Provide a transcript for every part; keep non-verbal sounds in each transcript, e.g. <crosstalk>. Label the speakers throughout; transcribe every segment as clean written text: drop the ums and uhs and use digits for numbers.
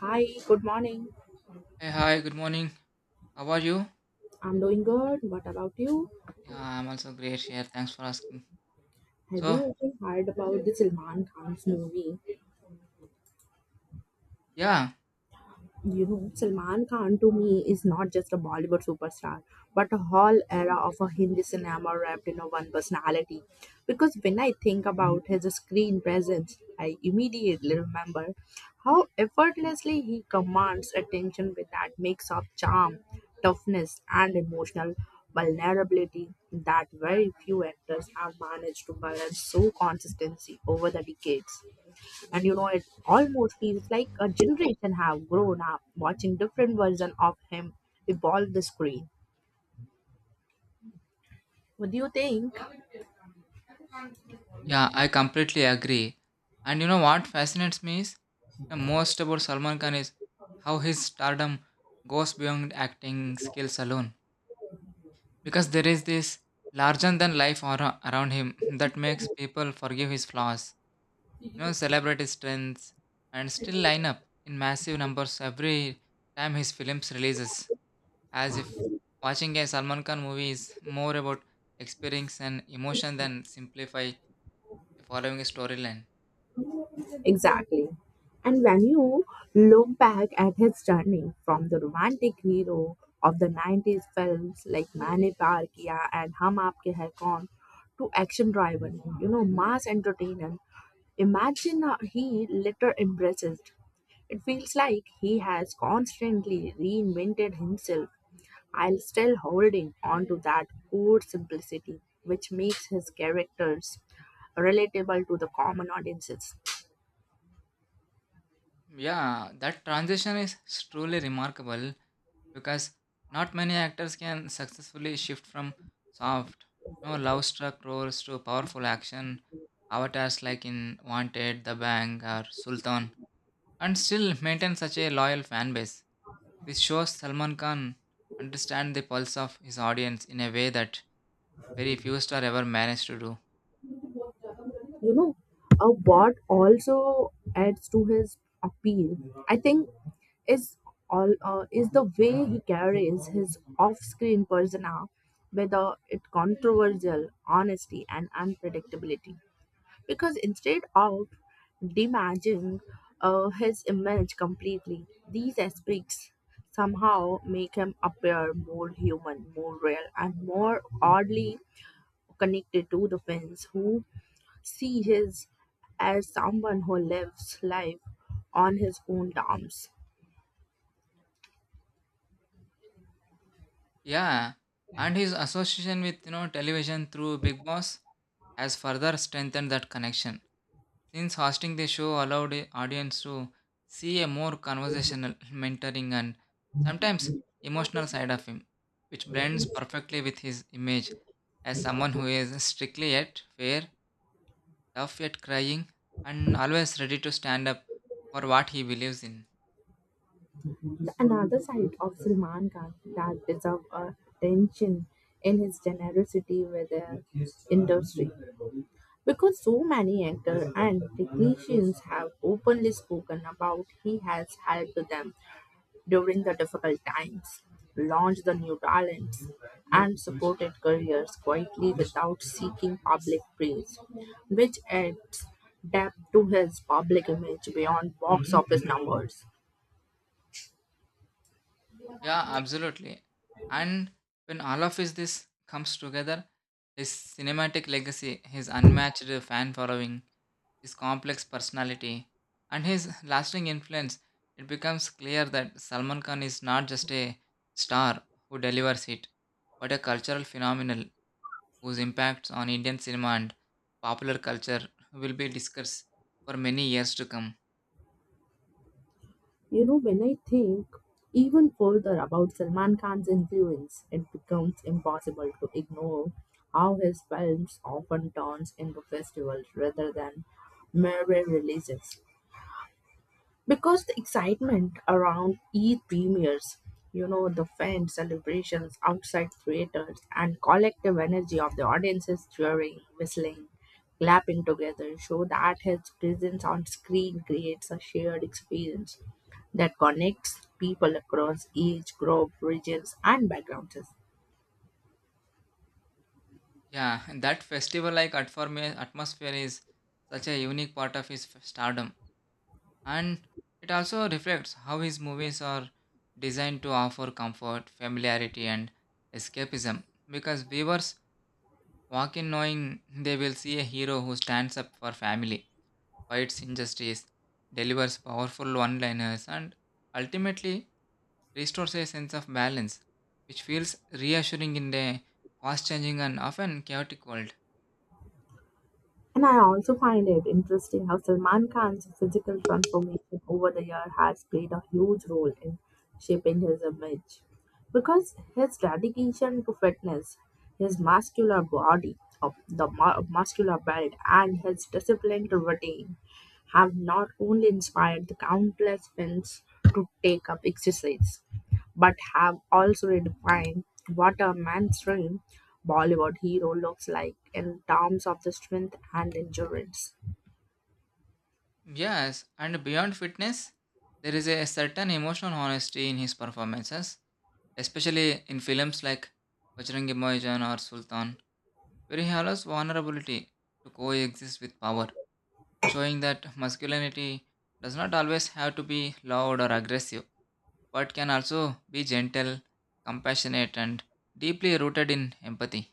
Speaker 1: Hi, good morning.
Speaker 2: Hey, hi, good morning. How are you?
Speaker 1: I'm doing good. What about you?
Speaker 2: Yeah, I'm also great here. Thanks for asking.
Speaker 1: Have
Speaker 2: So,
Speaker 1: you ever heard about the Salman Khan's movie?
Speaker 2: yeah,
Speaker 1: Salman Khan to me is not just a Bollywood superstar, but a whole era of a Hindi cinema wrapped in a one personality. Because when I think about his screen presence, I immediately remember how effortlessly he commands attention with that mix of charm, toughness, and emotional vulnerability that very few actors have managed to balance so consistently over the decades, and it almost feels like a generation have grown up watching different version of him evolve the screen. What do you think?
Speaker 2: yeah, I completely agree. And you know what fascinates me is the most about Salman Khan is how his stardom goes beyond acting skills alone. Because there is this larger than life aura around him <laughs> that makes people forgive his flaws, you know, celebrate his strengths, and still line up in massive numbers every time his films releases. As if watching a Salman Khan movie is more about experience and emotion than simplify following a storyline.
Speaker 1: Exactly. And when you look back at his journey from the romantic hero of the 90s films like Maine Pyar Kiya and Hum Aapke Hai Kaun to action driven, mass entertainment, imagine how he later embraces. It feels like he has constantly reinvented himself I while still holding on to that core simplicity which makes his characters relatable to the common audiences.
Speaker 2: Yeah, that transition is truly remarkable because not many actors can successfully shift from soft, no love struck roles to powerful action avatars like in Wanted, The Bang, or Sultan, and still maintain such a loyal fan base. This shows Salman Khan understand the pulse of his audience in a way that very few star ever managed to do.
Speaker 1: You know, what also adds to his appeal, I think, is all is the way he carries his off-screen persona, whether it controversial, honesty, and unpredictability. Because instead of demaging his image completely, these aspects somehow make him appear more human, more real, and more oddly connected to the fans who see his as someone who lives life on his own terms.
Speaker 2: Yeah, and his association with, you know, television through Big Boss has further strengthened that connection. Since hosting the show allowed a audience to see a more conversational, <laughs> mentoring, and sometimes emotional side of him, which blends perfectly with his image as someone who is strictly yet fair, tough yet crying, and always ready to stand up for what he believes in.
Speaker 1: The another side of Salman Khan that deserves attention in his generosity with the industry. Because so many actors and technicians have openly spoken about he has helped them during the difficult times, launched the new talents, and supported careers quietly without seeking public praise, which adds depth to his public image beyond box office numbers.
Speaker 2: Yeah, absolutely. And when all of his this comes together, his cinematic legacy, his unmatched fan following, his complex personality, and his lasting influence, it becomes clear that Salman Khan is not just a star who delivers it, but a cultural phenomenon whose impacts on Indian cinema and popular culture will be discussed for many years to come.
Speaker 1: When I think even further about Salman Khan's influence, it becomes impossible to ignore how his films often turns into festivals rather than mere releases because the excitement around E premieres, the fan celebrations outside theaters and collective energy of the audiences cheering, whistling, clapping together show that his presence on screen creates a shared experience that connects people across age, group, regions, and backgrounds.
Speaker 2: Yeah, and that festival like atmosphere is such a unique part of his stardom. And it also reflects how his movies are designed to offer comfort, familiarity, and escapism. Because viewers walk in knowing they will see a hero who stands up for family, fights injustice, delivers powerful one liners, and ultimately restores a sense of balance, which feels reassuring in a fast changing and often chaotic world.
Speaker 1: And I also find it interesting how Salman Khan's physical transformation over the year has played a huge role in shaping his image. Because his dedication to fitness, his muscular body, of the muscular build, and his disciplined routine have not only inspired the countless fans to take up exercise, but have also redefined what a mainstream Bollywood hero looks like in terms of the strength and endurance.
Speaker 2: Yes, and beyond fitness, there is a certain emotional honesty in his performances, especially in films like Bajrangi Bhaijaan or Sultan, where he allows vulnerability to coexist with power, showing that masculinity does not always have to be loud or aggressive, but can also be gentle, compassionate, and deeply rooted in empathy.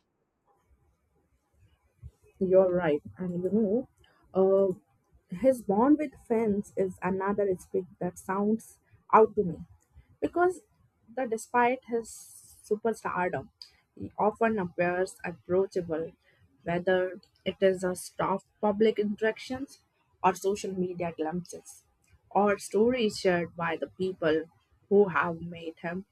Speaker 1: You're right. And his bond with Fence is another aspect that sounds out to me because that despite his superstardom, he often appears approachable, whether it is a staff public interactions or social media glimpses or stories shared by the people who have made him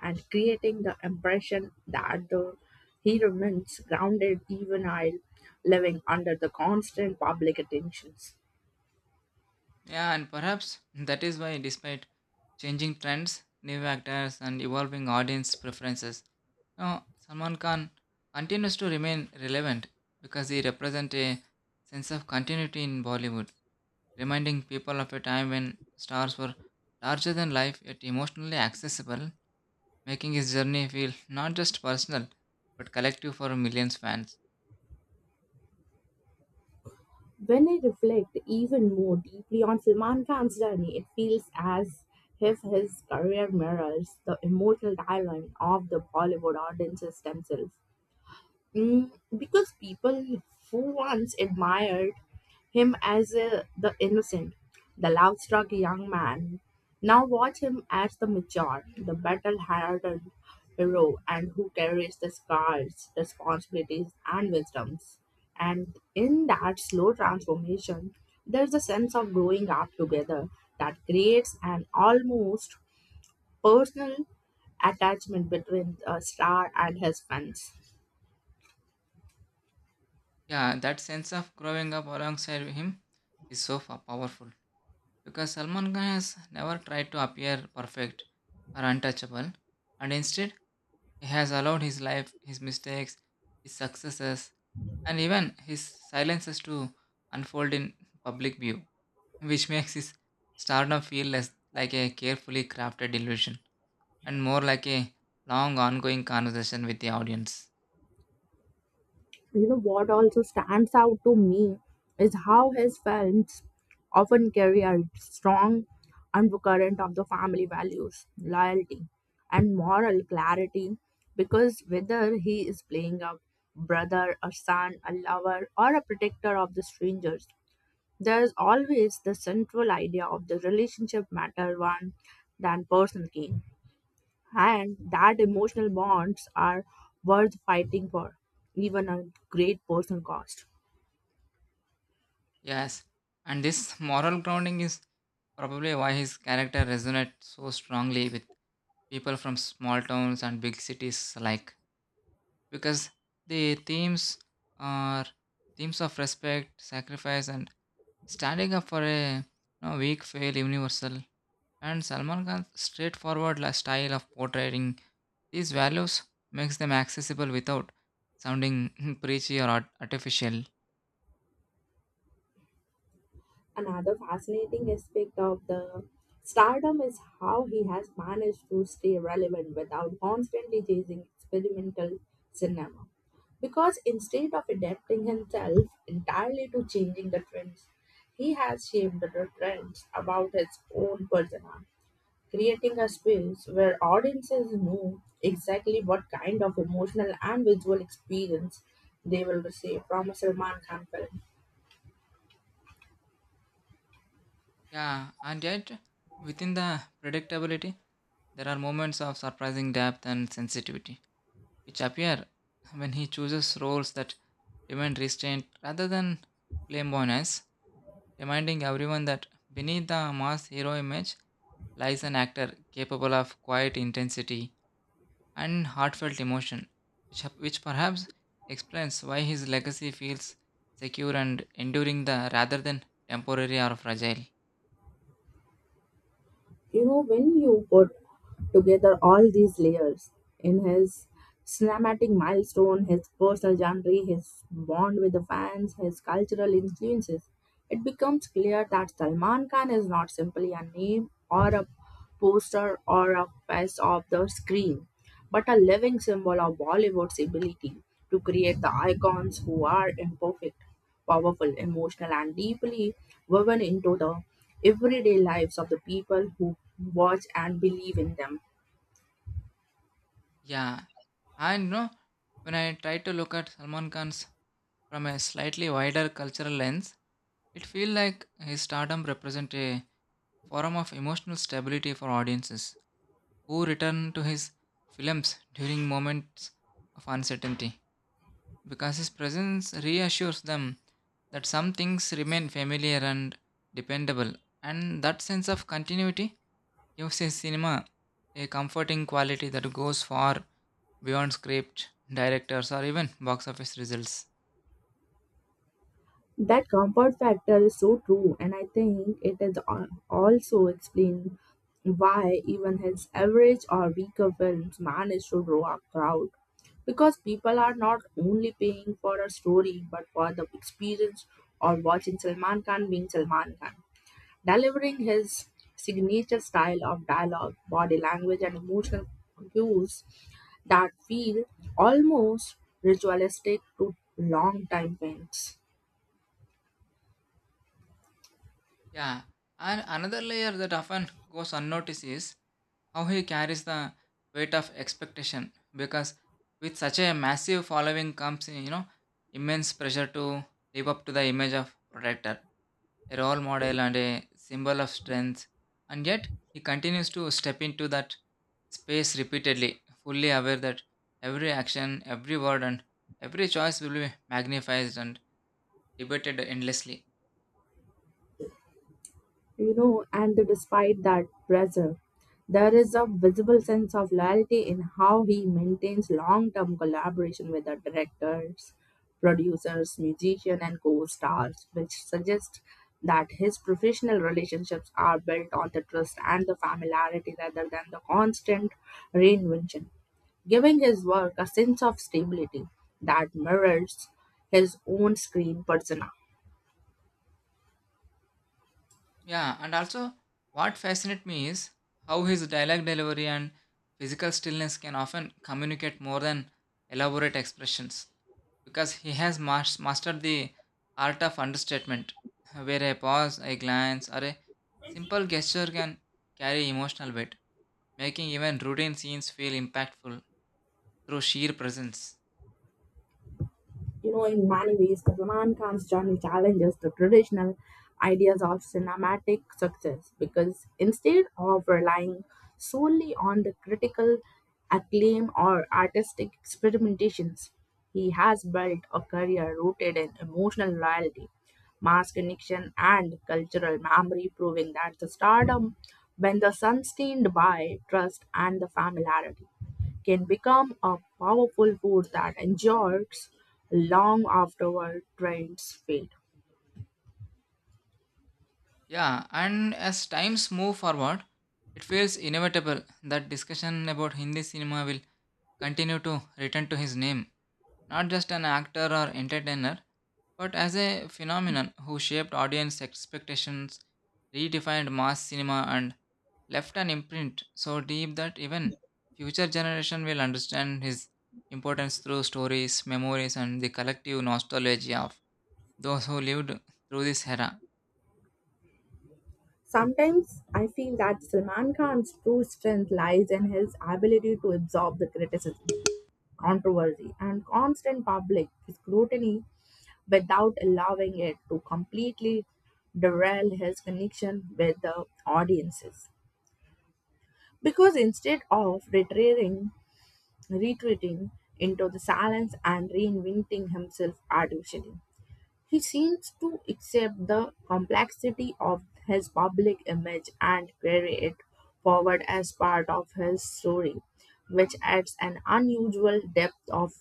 Speaker 1: and creating the impression that he remains grounded even while living under the constant public attentions.
Speaker 2: Yeah, and perhaps that is why, despite changing trends, new actors, and evolving audience preferences, now Salman Khan continues to remain relevant because he represents a sense of continuity in Bollywood, reminding people of a time when stars were larger than life yet emotionally accessible, making his journey feel not just personal but collective for millions fans.
Speaker 1: When I reflect even more deeply on Salman Khan's journey, it feels as if his career mirrors the emotional dialogue of the Bollywood audiences themselves. Mm, because people who once admired him as the innocent, the love-struck young man. Now watch him as the mature, the battle-hardened hero, and who carries the scars, responsibilities, and wisdoms. And in that slow transformation, there's a sense of growing up together that creates an almost personal attachment between Star and his fans.
Speaker 2: Yeah, that sense of growing up alongside him is so powerful. Because Salman Khan has never tried to appear perfect or untouchable, and instead, he has allowed his life, his mistakes, his successes, and even his silences to unfold in public view, which makes his stardom feel less like a carefully crafted illusion and more like a long ongoing conversation with the audience.
Speaker 1: You know what also stands out to me is how his films often carry a strong undercurrent of the family values loyalty and moral clarity, because whether he is playing a brother, a son, a lover, or a protector of the strangers, there is always the central idea of the relationship matter one than personal gain, and that emotional bonds are worth fighting for, even at great personal cost.
Speaker 2: Yes, and this moral grounding is probably why his character resonates so strongly with people from small towns and big cities alike because the themes are themes of respect, sacrifice, and standing up for a, you know, weak, fail, universal. And Salman Khan's straightforward style of portraying these values makes them accessible without sounding <laughs> preachy or artificial.
Speaker 1: Another fascinating aspect of the stardom is how he has managed to stay relevant without constantly chasing experimental cinema. Because instead of adapting himself entirely to changing the trends, he has shaped the trends about his own persona, creating a space where audiences know exactly what kind of emotional and visual experience they will receive from a Salman Khan film.
Speaker 2: Yeah, and yet, within the predictability, there are moments of surprising depth and sensitivity, which appear when he chooses roles that demand restraint rather than flamboyance, reminding everyone that beneath the mass hero image lies an actor capable of quiet intensity and heartfelt emotion, which, which perhaps explains why his legacy feels secure and enduring the rather than temporary or fragile.
Speaker 1: When you put together all these layers in his cinematic milestone, his personal journey, his bond with the fans, his cultural influences, it becomes clear that Salman Khan is not simply a name or a poster or a face of the screen, but a living symbol of Bollywood's ability to create the icons who are imperfect, powerful, emotional, and deeply woven into the everyday lives of the people who watch and believe in them.
Speaker 2: Yeah. And you know, when I try to look at Salman Khan's from a slightly wider cultural lens, it feels like his stardom represents a form of emotional stability for audiences who return to his films during moments of uncertainty because his presence reassures them that some things remain familiar and dependable, and that sense of continuity gives his cinema a comforting quality that goes far beyond script, directors, or even box office results.
Speaker 1: That comfort factor is so true, and I think it is also explained why even his average or weaker films manage to draw a crowd. Because people are not only paying for a story but for the experience of watching Salman Khan being Salman Khan, delivering his signature style of dialogue, body language, and emotional cues that feel almost ritualistic to long time fans.
Speaker 2: Yeah, and another layer that often goes unnoticed is how he carries the weight of expectation because with such a massive following comes, you know, immense pressure to live up to the image of protector a role model and a symbol of strength and yet he continues to step into that space repeatedly fully aware that every action every word and every choice will be magnified and debated endlessly.
Speaker 1: And despite that pressure, there is a visible sense of loyalty in how he maintains long term collaboration with the directors, producers, musicians, and co stars, which suggests that his professional relationships are built on the trust and the familiarity rather than the constant reinvention, giving his work a sense of stability that mirrors his own screen persona.
Speaker 2: Yeah, and also what fascinates me is how his dialogue delivery and physical stillness can often communicate more than elaborate expressions because he has mastered the art of understatement, <laughs> where a pause, a glance, or a simple gesture can carry emotional weight, making even routine scenes feel impactful through sheer presence.
Speaker 1: In many ways, the Salman Khan's journey challenges the traditional ideas of cinematic success because instead of relying solely on the critical acclaim or artistic experimentations, he has built a career rooted in emotional loyalty, mass connection, and cultural memory, proving that the stardom, when the sustained by trust and the familiarity, can become a powerful force that endures long afterward trends fade.
Speaker 2: Yeah, and as times move forward, it feels inevitable that discussion about Hindi cinema will continue to return to his name, not just an actor or entertainer, but as a phenomenon who shaped audience expectations, redefined mass cinema, and left an imprint so deep that even future generation will understand his importance through stories, memories, and the collective nostalgia of those who lived through this era.
Speaker 1: Sometimes I feel that Salman Khan's true strength lies in his ability to absorb the criticism controversy and constant public scrutiny without allowing it to completely derail his connection with the audiences. Because instead of retreating into the silence and reinventing himself artificially, he seems to accept the complexity of his public image and carry it forward as part of his story, which adds an unusual depth of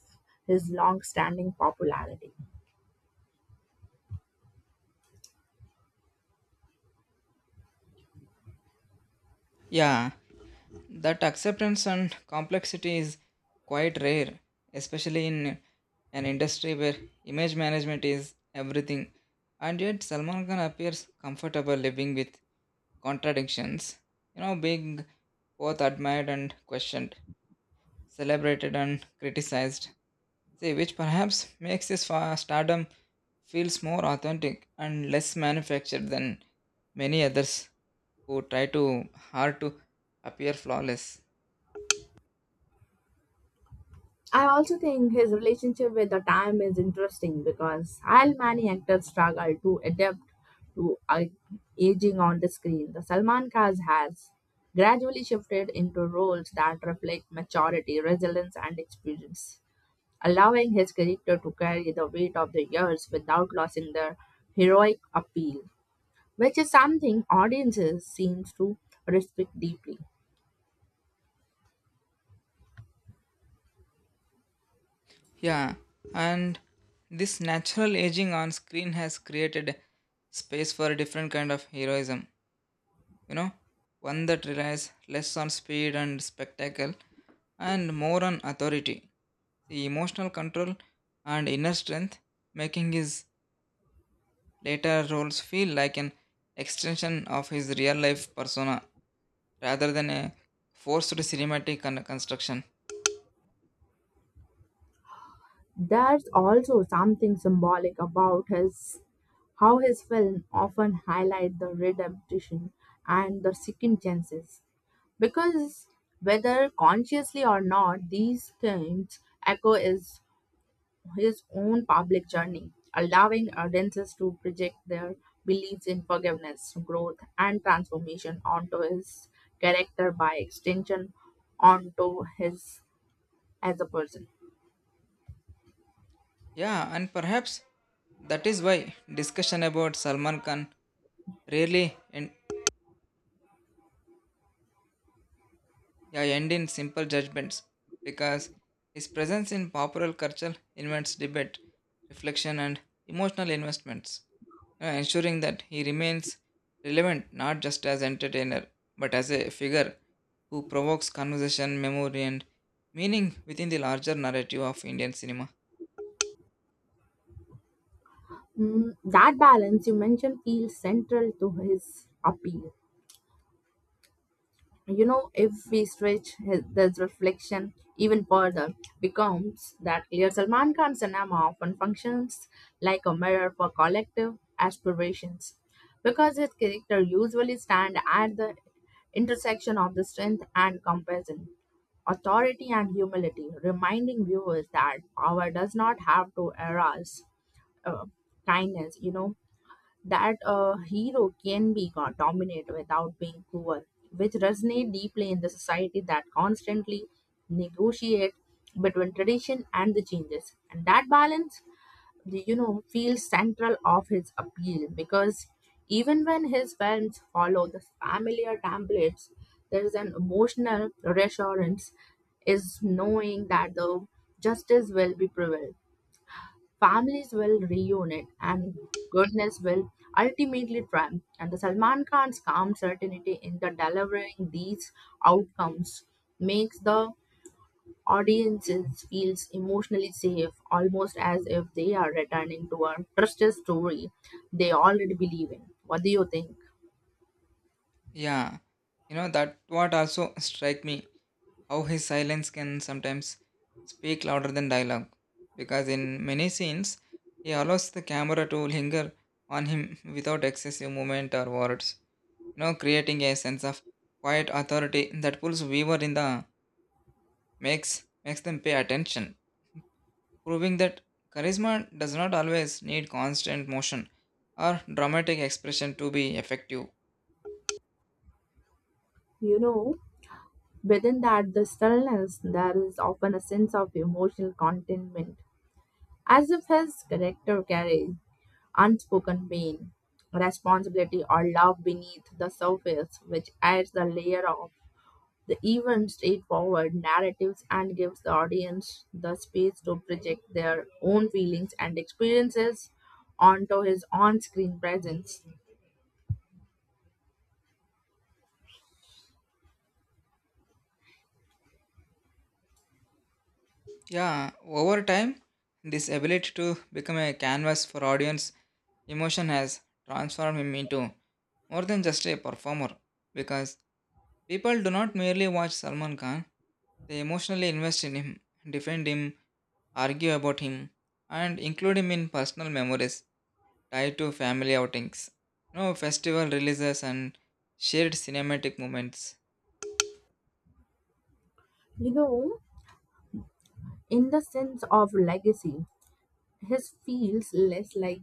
Speaker 1: his long standing popularity.
Speaker 2: Yeah, that acceptance and complexity is quite rare, especially in an industry where image management is everything. And yet, Salman Khan appears comfortable living with contradictions. You know, being both admired and questioned, celebrated and criticized. See, which perhaps makes his stardom feels more authentic and less manufactured than many others who try too hard to appear flawless.
Speaker 1: I also think his relationship with the time is interesting because while many actors struggle to adapt to aging on the screen, the Salman Khaz has gradually shifted into roles that reflect maturity, resilience, and experience, allowing his character to carry the weight of the years without losing their heroic appeal, which is something audiences seem to respect deeply.
Speaker 2: Yeah, and this natural aging on screen has created space for a different kind of heroism, you know, one that relies less on speed and spectacle and more on authority. The emotional control and inner strength making his later roles feel like an extension of his real life persona rather than a forced cinematic construction.
Speaker 1: There's also something symbolic about his how his film often highlight the redemption and the second chances because whether consciously or not these themes echo is his own public journey, allowing audiences to project their beliefs in forgiveness, growth, and transformation onto his character by extension onto his as a person.
Speaker 2: Yeah, and perhaps that is why discussion about Salman Khan rarely end in simple judgments because his presence in popular culture invites debate, reflection, and emotional investments, ensuring that he remains relevant not just as entertainer but as a figure who provokes conversation, memory, and meaning within the larger narrative of Indian cinema.
Speaker 1: Mm, that balance you mentioned feels central to his appeal. You know if we stretch this reflection even further becomes that clear Salman Khan's cinema often functions like a mirror for collective aspirations because his character usually stand at the intersection of the strength and compassion authority and humility, reminding viewers that power does not have to arouse uh, kindness, that a hero can be dominant without being cruel, which resonate deeply in the society that constantly negotiate between tradition and the changes. And that balance, feels central of his appeal because even when his films follow the familiar templates, there is an emotional reassurance is knowing that the justice will be prevailed, families will reunite, and goodness will ultimately triumph. And the Salman Khan's calm certainty in the delivering these outcomes makes the audiences feels emotionally safe, almost as if they are returning to a trusted story they already believe in. What do you think?
Speaker 2: Yeah, you know that what also strike me how his silence can sometimes speak louder than dialogue. Because in many scenes, he allows the camera to linger on him without excessive movement or words, you know, creating a sense of quiet authority that pulls viewer in the makes them pay attention, proving that charisma does not always need constant motion or dramatic expression to be effective.
Speaker 1: You know, within that the stillness there is often a sense of emotional contentment as if his character carried unspoken pain, responsibility, or love beneath the surface, which adds the layer of the even straightforward narratives and gives the audience the space to project their own feelings and experiences onto his on screen presence.
Speaker 2: Yeah, over time, this ability to become a canvas for audience emotion has transformed him into more than just a performer because people do not merely watch Salman Khan, they emotionally invest in him, defend him, argue about him, and include him in personal memories tied to family outings, no festival releases, and shared cinematic moments.
Speaker 1: You know, in the sense of legacy, his feels less like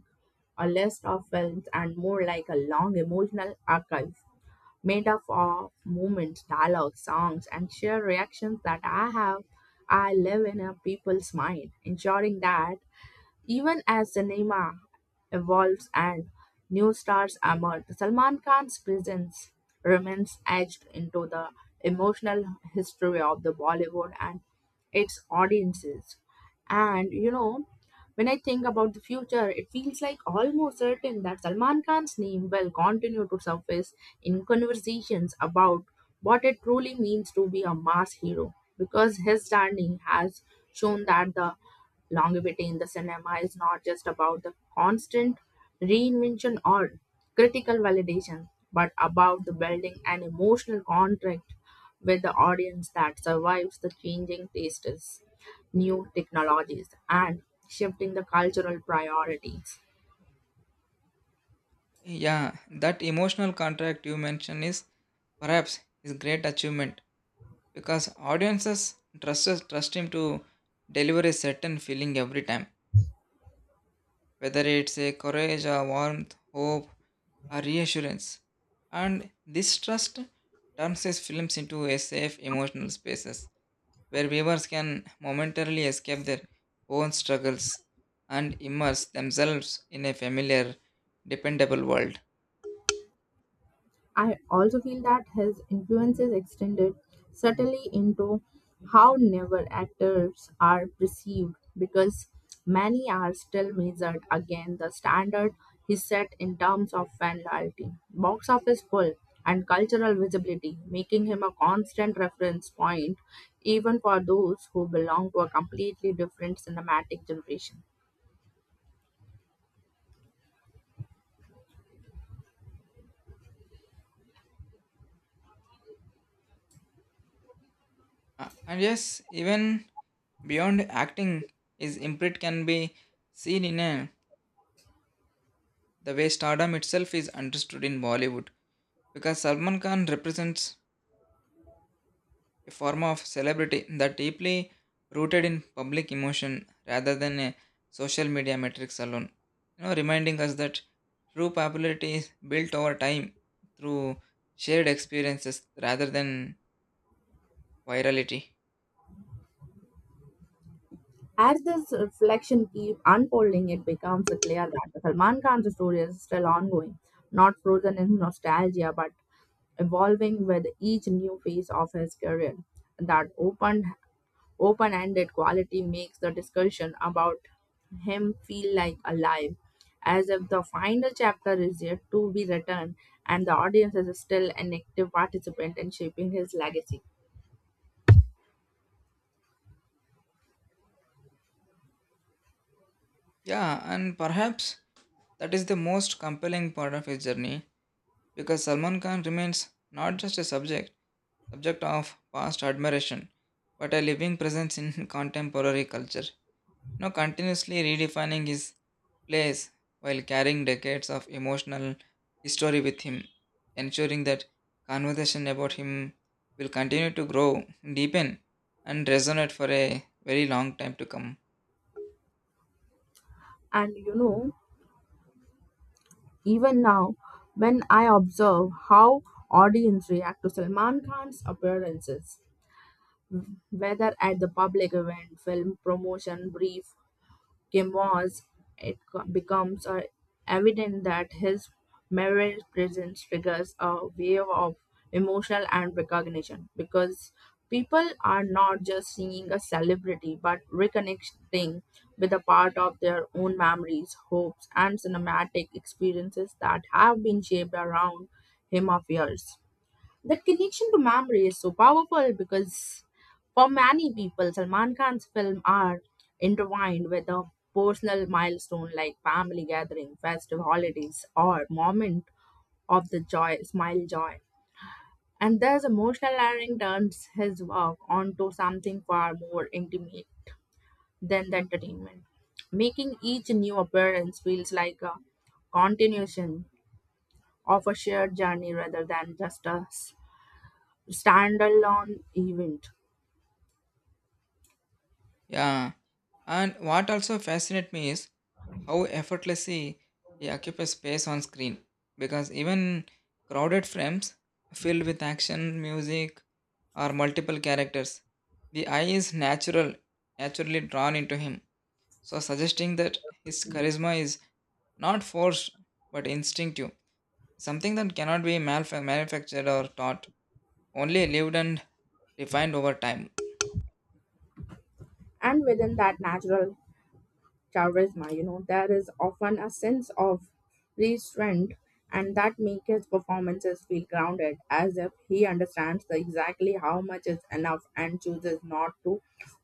Speaker 1: a list of films and more like a long emotional archive made up of movements, dialogues, songs, and sheer reactions that I have. I live in a people's mind, ensuring that even as cinema evolves and new stars emerge, Salman Khan's presence remains etched into the emotional history of the Bollywood and its audiences. And when I think about the future, it feels like almost certain that Salman Khan's name will continue to surface in conversations about what it truly means to be a mass hero, because his standing has shown that the longevity in the cinema is not just about the constant reinvention or critical validation, but about the building an emotional contract with the audience that survives the changing tastes, new technologies, and shifting the cultural priorities.
Speaker 2: Yeah, that emotional contract you mentioned is perhaps his great achievement because audiences trust him to deliver a certain feeling every time whether it's a courage, a warmth, hope, or reassurance. And this trust turns his films into a safe emotional spaces where viewers can momentarily escape their own struggles and immerse themselves in a familiar, dependable world.
Speaker 1: I also feel that his influence is extended subtly into how newer actors are perceived because many are still measured against the standard he set in terms of fan loyalty, box office pull, and cultural visibility, making him a constant reference point even for those who belong to a completely different cinematic generation.
Speaker 2: And yes, even beyond acting, his imprint can be seen in a, the way stardom itself is understood in Bollywood because Salman Khan represents a form of celebrity that deeply rooted in public emotion rather than a social media metrics alone. You know, reminding us that true popularity is built over time through shared experiences rather than virality.
Speaker 1: As this reflection keeps unfolding, it becomes clear that Salman Khan's story is still ongoing, not frozen in nostalgia, but evolving with each new phase of his career. That open-ended quality makes the discussion about him feel like alive, as if the final chapter is yet to be written and the audience is still an active participant in shaping his legacy.
Speaker 2: Yeah, and perhaps that is the most compelling part of his journey because Salman Khan remains not just a subject of past admiration, but a living presence in <laughs> contemporary culture, you know, continuously redefining his place while carrying decades of emotional history with him, ensuring that conversation about him will continue to grow, deepen, and resonate for a very long time to come.
Speaker 1: And Even now, when I observe how audience react to Salman Khan's appearances, whether at the public event, film promotion brief, Gemma's, it becomes evident that his marriage presence triggers a wave of emotional and recognition because people are not just seeing a celebrity but reconnecting with a part of their own memories, hopes, and cinematic experiences that have been shaped around him of years. That connection to memory is so powerful because for many people, Salman Khan's films are intertwined with a personal milestone like family gathering, festive holidays, or moment of the joy, smile joy. And this emotional layering turns his work onto something far more intimate than the entertainment, making each new appearance feels like a continuation of a shared journey rather than just a standalone event.
Speaker 2: Yeah, and what also fascinates me is how effortlessly he occupies space on screen because even crowded frames filled with action, music, or multiple characters, the eye is naturally drawn into him. So, suggesting that his charisma is not forced but instinctive, something that cannot be manufactured or taught, only lived and refined over time.
Speaker 1: And within that natural charisma, there is often a sense of restraint and that makes his performances feel grounded as if he understands the exactly how much is enough and chooses not to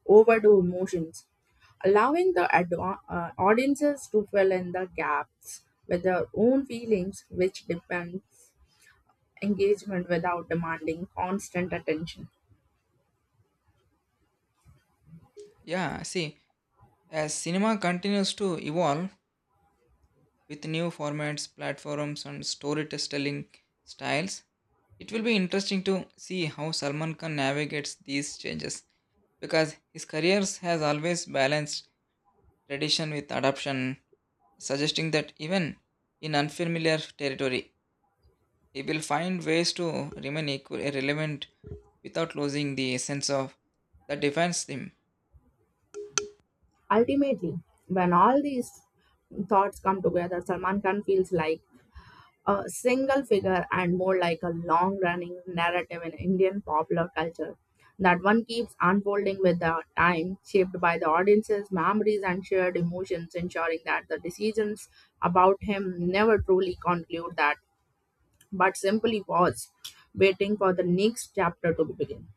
Speaker 1: overdo emotions, allowing the audiences to fill in the gaps with their own feelings, which depends engagement without demanding constant attention.
Speaker 2: Yeah, see, as cinema continues to evolve, with new formats, platforms, and storytelling styles. It will be interesting to see how Salman Khan navigates these changes because his career has always balanced tradition with adaptation, suggesting that even in unfamiliar territory, he will find ways to remain equally relevant without losing the essence of that defines him.
Speaker 1: Ultimately, when all these thoughts come together, Salman Khan feels like a single figure and more like a long running narrative in Indian popular culture. That one keeps unfolding with the time, shaped by the audience's memories and shared emotions, ensuring that the decisions about him never truly conclude that, but simply pause, waiting for the next chapter to begin.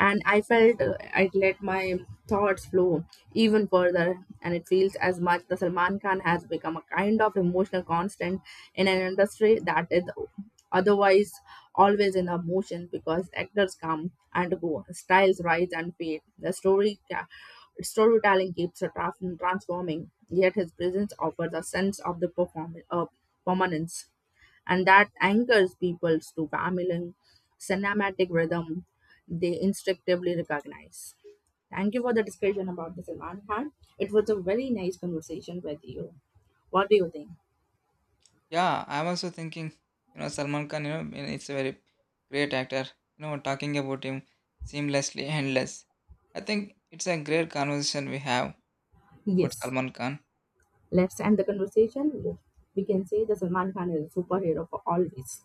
Speaker 1: And I felt I let my thoughts flow even further, and it feels as much the Salman Khan has become a kind of emotional constant in an industry that is otherwise always in a motion because actors come and go, styles rise and fade, the storytelling keeps transforming. Yet his presence offers a sense of the permanence and that anchors people to Gamelan cinematic rhythm they instinctively recognize. Thank you for the discussion about this, Ivan Khan. It was a very nice conversation with you. What do you think?
Speaker 2: Yeah, I'm also thinking, you know, Salman Khan, you know, and it's a very great actor. You know, talking about him seamlessly, endless. I think it's a great conversation we have about
Speaker 1: Yes,
Speaker 2: Salman Khan.
Speaker 1: let's end the conversation. We can say the Salman Khan is a superhero for always.